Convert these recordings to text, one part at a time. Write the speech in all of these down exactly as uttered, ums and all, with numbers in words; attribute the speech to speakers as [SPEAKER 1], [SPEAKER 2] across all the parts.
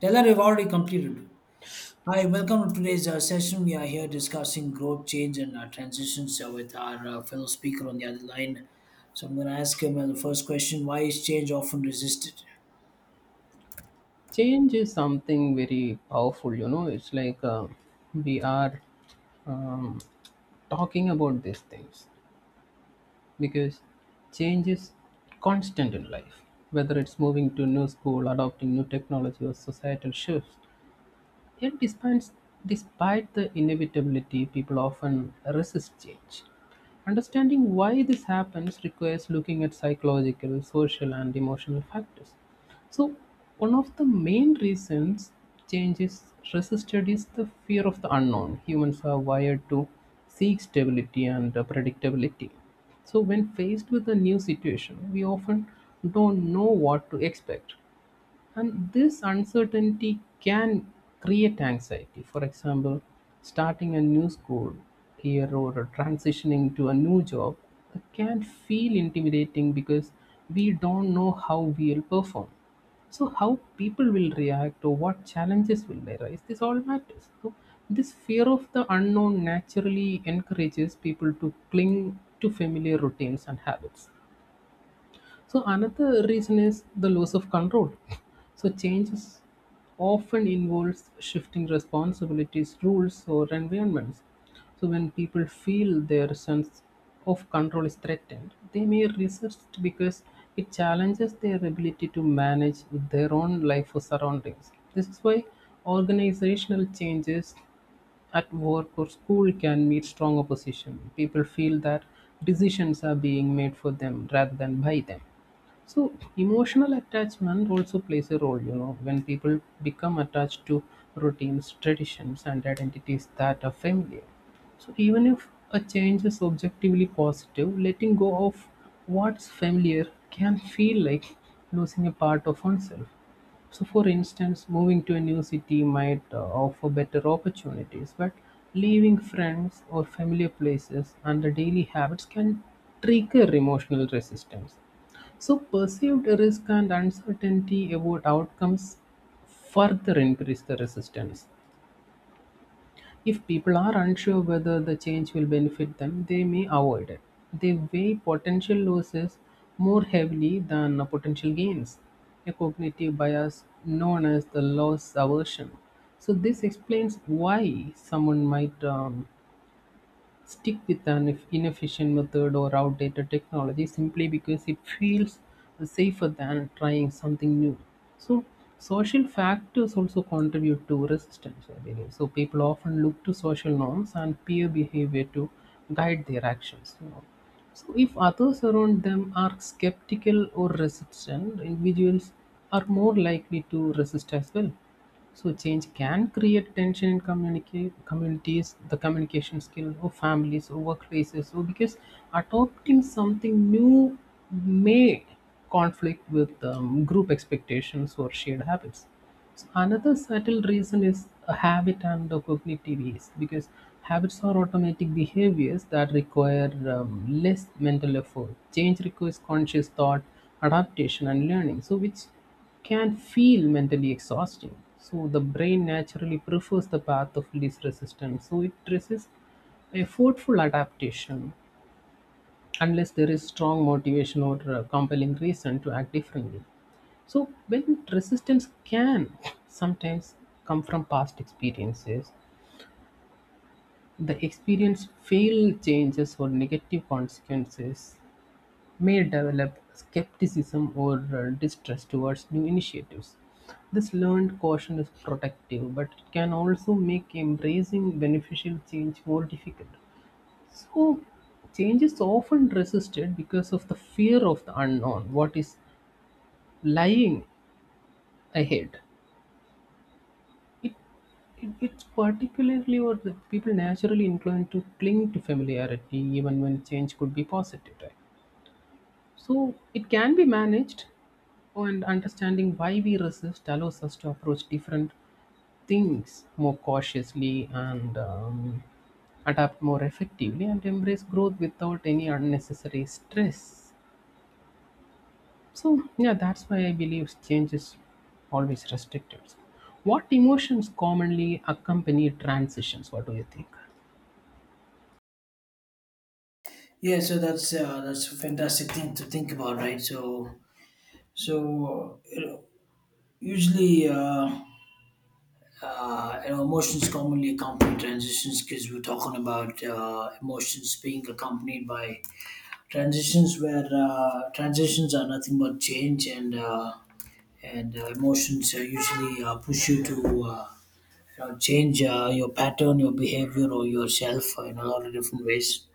[SPEAKER 1] Taylor, we've already completed. Hi, welcome to today's uh, session. We are here discussing growth, change, and uh, transitions uh, with our uh, fellow speaker on the other line. So I'm going to ask him uh, the first question: Why is change often resisted?
[SPEAKER 2] Change is something very powerful, you know. It's like, uh, we are um, talking about these things because change is constant in life, whether it's moving to new school, adopting new technology, or societal shifts. Yet, despite, despite the inevitability, people often resist change. Understanding why this happens requires looking at psychological, social, and emotional factors. So, one of the main reasons change is resisted is the fear of the unknown. Humans are wired to seek stability and uh, predictability. So, when faced with a new situation, we often don't know what to expect. And this uncertainty can create anxiety. For example, starting a new school here or transitioning to a new job can feel intimidating because we don't know how we'll perform. So, how people will react or what challenges will arise, this all matters. So, this fear of the unknown naturally encourages people to cling to familiar routines and habits. So another reason is the loss of control. So changes often involves shifting responsibilities, rules, or environments. So when people feel their sense of control is threatened, they may resist because it challenges their ability to manage their own life or surroundings. This is why organizational changes at work or school can meet strong opposition. People feel that decisions are being made for them rather than by them. So emotional attachment also plays a role, you know, when people become attached to routines, traditions, and identities that are familiar. So even if a change is objectively positive, letting go of what's familiar can feel like losing a part of oneself. So, for instance, moving to a new city might uh, offer better opportunities, but leaving friends or familiar places and the daily habits can trigger emotional resistance. So, perceived risk and uncertainty about outcomes further increase the resistance. If people are unsure whether the change will benefit them, they may avoid it. They weigh potential losses more heavily than the potential gains, a cognitive bias known as the loss aversion. So, this explains why someone might um, stick with an ineff- inefficient method or outdated technology simply because it feels safer than trying something new. So, social factors also contribute to resistance, I believe. So, people often look to social norms and peer behavior to guide their actions, you know. So, if others around them are skeptical or resistant, individuals are more likely to resist as well. So change can create tension in communica- communities, the communication skill, or families, or workplaces. So because adopting something new may conflict with um, group expectations or shared habits. So another subtle reason is a habit and the cognitive ease, because habits are automatic behaviors that require um, less mental effort. Change requires conscious thought, adaptation, and learning. So which can feel mentally exhausting. So the brain naturally prefers the path of least resistance. So it resists a forceful adaptation unless there is strong motivation or uh, compelling reason to act differently. So when resistance can sometimes come from past experiences, the experience failed changes or negative consequences may develop skepticism or uh, distrust towards new initiatives. This learned caution is protective, but it can also make embracing beneficial change more difficult. So, change is often resisted because of the fear of the unknown, what is lying ahead. It, it, it's particularly what the people naturally inclined to cling to familiarity, even when change could be positive, right? So it can be managed, and understanding why we resist allows us to approach different things more cautiously and um, adapt more effectively and embrace growth without any unnecessary stress. So, yeah, that's why I believe change is always restricted. What emotions commonly accompany transitions? What do you think?
[SPEAKER 1] Yeah, so that's uh, that's a fantastic thing to think about, right? So so you know, usually uh, uh, you know, emotions commonly accompany transitions because we're talking about uh, emotions being accompanied by transitions, where uh, transitions are nothing but change. And uh, and uh, emotions uh, usually uh, push you to uh, you know, change uh, your pattern, your behavior, or yourself uh, in a lot of different ways.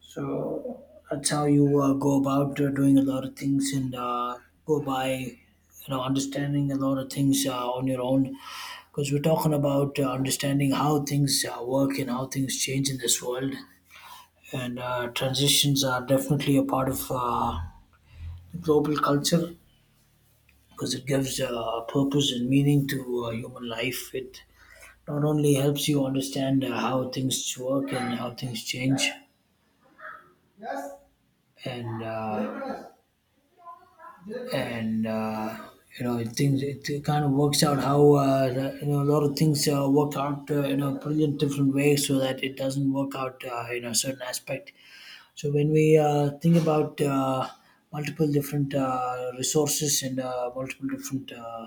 [SPEAKER 1] So that's how you uh, go about uh, doing a lot of things, and uh, go by, you know, understanding a lot of things uh, on your own, because we're talking about uh, understanding how things uh, work and how things change in this world. And uh, transitions are definitely a part of uh, global culture, because it gives uh, purpose and meaning to uh, human life. It not only helps you understand uh, how things work and how things change, and uh, and uh, you know, it things it kind of works out how uh, the- you know, a lot of things uh, work out uh, in a brilliant different way, so that it doesn't work out uh, in a certain aspect. So when we uh, think about uh, multiple different uh, resources and uh, multiple different uh,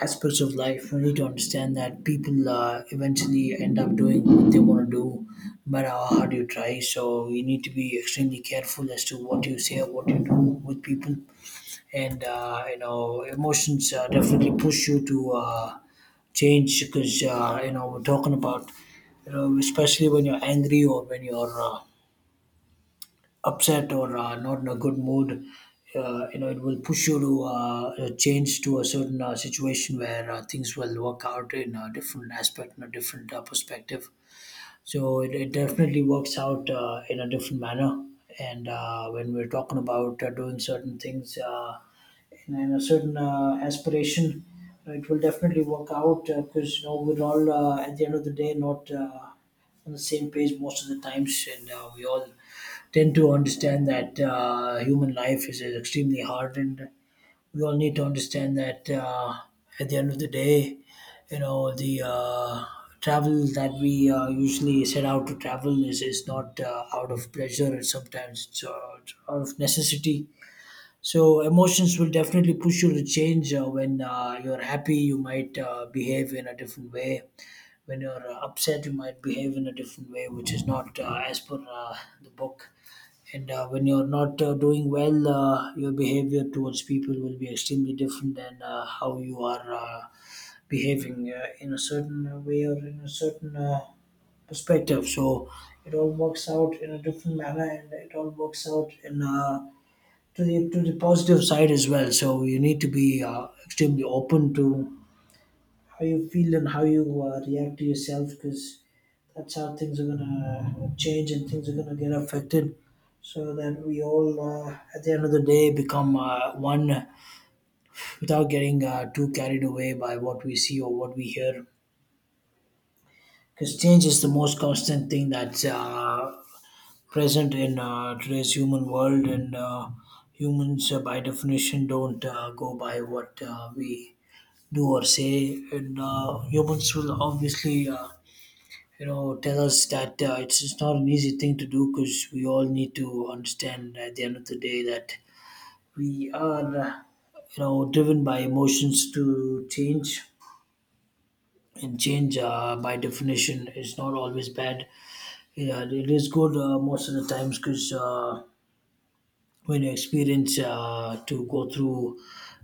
[SPEAKER 1] aspects of life, we need to understand that people uh, eventually end up doing what they want to do, no matter how hard you try. So you need to be extremely careful as to what you say, what you do with people, and uh, you know, emotions uh, definitely push you to uh, change, because uh, you know, we're talking about, you know, especially when you're angry or when you're uh, upset, or uh, not in a good mood, uh, you know, it will push you to uh, change to a certain uh, situation where uh, things will work out in a different aspect, in a different uh, perspective. So it, it definitely works out uh, in a different manner. And uh, when we're talking about uh, doing certain things uh, in, in a certain uh, aspiration, uh, it will definitely work out, because you know, we're all uh, at the end of the day not uh, on the same page most of the times, and uh, we all tend to understand that uh, human life is, is extremely hard, and we all need to understand that uh, at the end of the day, you know, the uh, travel that we uh, usually set out to travel is, is not uh, out of pleasure, it's sometimes it's, uh, it's out of necessity. So, emotions will definitely push you to change. Uh, when uh, you're happy, you might uh, behave in a different way. When you're uh, upset, you might behave in a different way, which is not uh, as per uh, the book. And uh, when you're not uh, doing well, uh, your behavior towards people will be extremely different than uh, how you are uh, behaving uh, in a certain way or in a certain uh, perspective. So it all works out in a different manner, and it all works out in uh, to the to the positive side as well. So you need to be uh, extremely open to how you feel and how you uh, react to yourself, because that's how things are going to change and things are going to get affected, so that we all uh, at the end of the day become uh, one, without getting uh, too carried away by what we see or what we hear. Because change is the most constant thing that's uh, present in uh, today's human world. And uh, humans uh, by definition don't uh, go by what uh, we do or say. And uh, humans will obviously uh, you know, tell us that uh, it's just not an easy thing to do, because we all need to understand at the end of the day that we are, uh, you know, driven by emotions to change. And change, uh, by definition, is not always bad. Yeah, it is good uh, most of the times, because uh, when you experience uh, to go through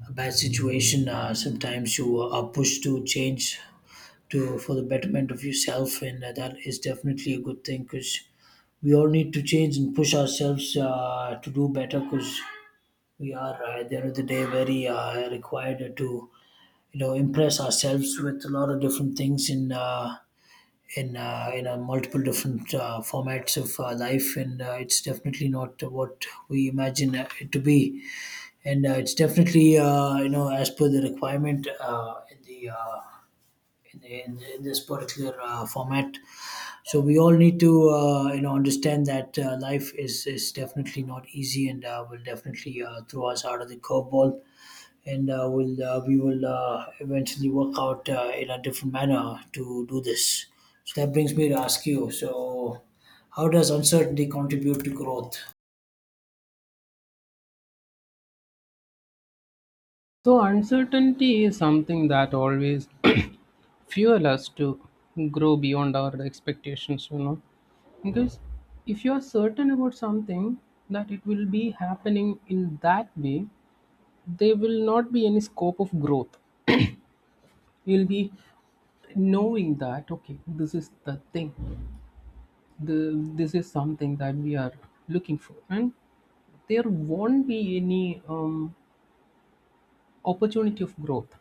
[SPEAKER 1] a bad situation, uh, sometimes you are pushed to change to, for the betterment of yourself, and uh, that is definitely a good thing, because we all need to change and push ourselves uh, to do better, because we are uh, at the end of the day very uh, required to, you know, impress ourselves with a lot of different things in uh, in uh, in uh, multiple different uh, formats of uh, life. And uh, it's definitely not what we imagine it to be. And uh, it's definitely uh, you know, as per the requirement uh, in the uh, in, in, in this particular uh, format. So we all need to uh, you know, understand that uh, life is is definitely not easy, and uh, will definitely uh, throw us out of the curveball. And uh, will uh, we will uh, eventually work out uh, in a different manner to do this. So that brings me to ask you. So, how does uncertainty contribute to growth?
[SPEAKER 2] So, uncertainty is something that always fuel us to grow beyond our expectations, you know, because if you are certain about something, that it will be happening in that way, there will not be any scope of growth. You'll be knowing that, okay, this is the thing, the, this is something that we are looking for, and there won't be any um, opportunity of growth.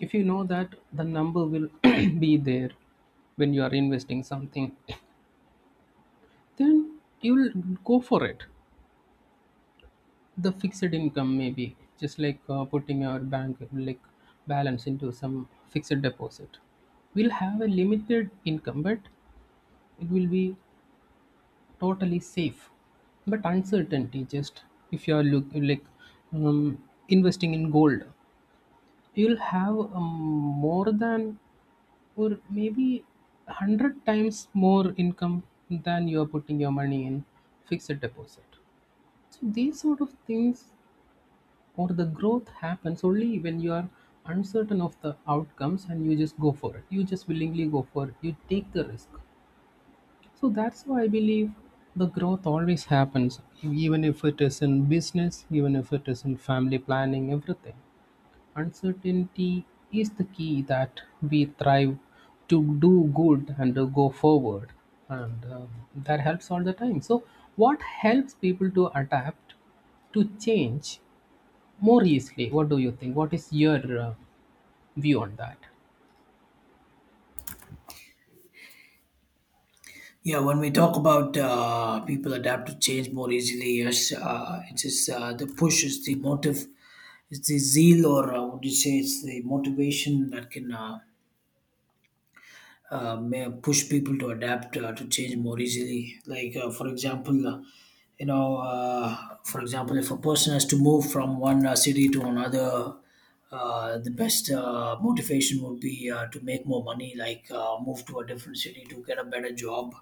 [SPEAKER 2] If you know that the number will be there when you are investing something, then you'll go for it. The fixed income, maybe just like uh, putting our bank, like, balance into some fixed deposit, we'll have a limited income, but it will be totally safe. But uncertainty, just if you are look, like, um, investing in gold, you'll have um, more than, or maybe, a hundred times more income than you are putting your money in fixed deposit. So these sort of things, or the growth happens only when you are uncertain of the outcomes and you just go for it, you just willingly go for it, you take the risk. So that's why I believe the growth always happens, even if it is in business, even if it is in family planning, everything. Uncertainty is the key that we thrive to do good and to go forward, and um, that helps all the time. So what helps people to adapt to change more easily? What do you think? What is your uh, view on that?
[SPEAKER 1] Yeah, when we talk about uh, people adapt to change more easily, yes, uh, it's just, uh, the push is the motive, it's the zeal, or uh, would you say it's the motivation that can uh, uh, may push people to adapt uh, to change more easily. Like, uh, for example, uh, you know, uh, for example, if a person has to move from one uh, city to another, uh, the best uh, motivation would be uh, to make more money, like uh, move to a different city to get a better job,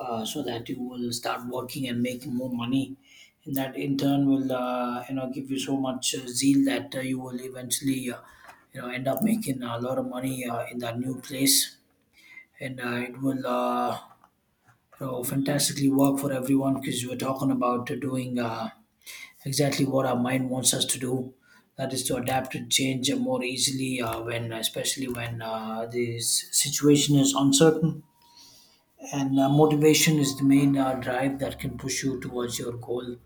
[SPEAKER 1] uh, so that you will start working and making more money, and that in turn will uh, you know, give you so much uh, zeal that uh, you will eventually uh, you know, end up making a lot of money uh, in that new place. And uh, it will uh, you know, fantastically work for everyone, because we're talking about uh, doing uh, exactly what our mind wants us to do, that is to adapt and change more easily uh, when especially when uh, the s- situation is uncertain. And uh, motivation is the main uh, drive that can push you towards your goal,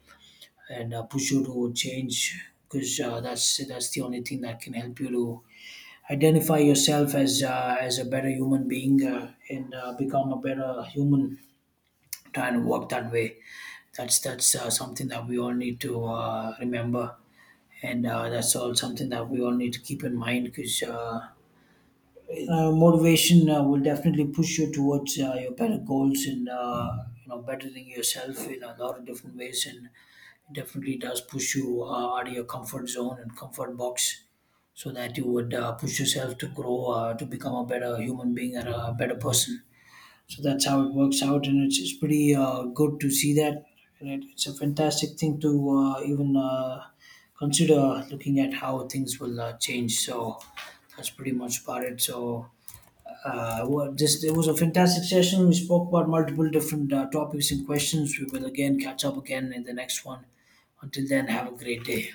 [SPEAKER 1] and uh, push you to change, because uh, that's that's the only thing that can help you to identify yourself as uh, as a better human being, uh, and uh, become a better human, trying to work that way. That's that's uh, something that we all need to uh, remember. And uh, that's all something that we all need to keep in mind, because uh, uh, motivation uh, will definitely push you towards uh, your better goals, and uh, you know, bettering yourself in a lot of different ways. And it definitely does push you uh, out of your comfort zone and comfort box, so that you would uh, push yourself to grow uh, to become a better human being and a better person. So that's how it works out, and it's, it's pretty uh, good to see that. And it, it's a fantastic thing to uh, even uh, consider, looking at how things will uh, change. So that's pretty much about it. So uh, well, just it was a fantastic session. We spoke about multiple different uh, topics and questions. We will again catch up again in the next one. Until then, have a great day.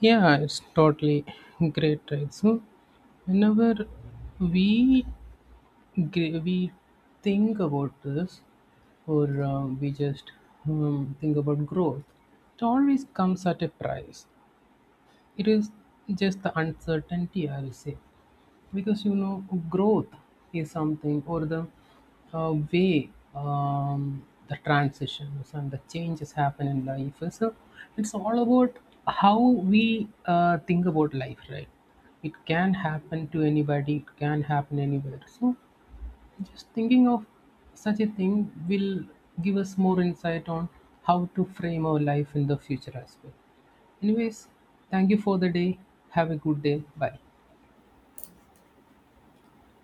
[SPEAKER 2] Yeah, it's totally great, right? So, whenever we gr- we think about this, or uh, we just um, think about growth, it always comes at a price. It is just the uncertainty, I will say, because, you know, growth is something, or the uh, way um, the transitions and the changes happen in life is a, it's all about how we uh, think about life, right? It can happen to anybody, it can happen anywhere. So just thinking of such a thing will give us more insight on how to frame our life in the future as well. Anyways, thank you for the day. Have a good day. Bye.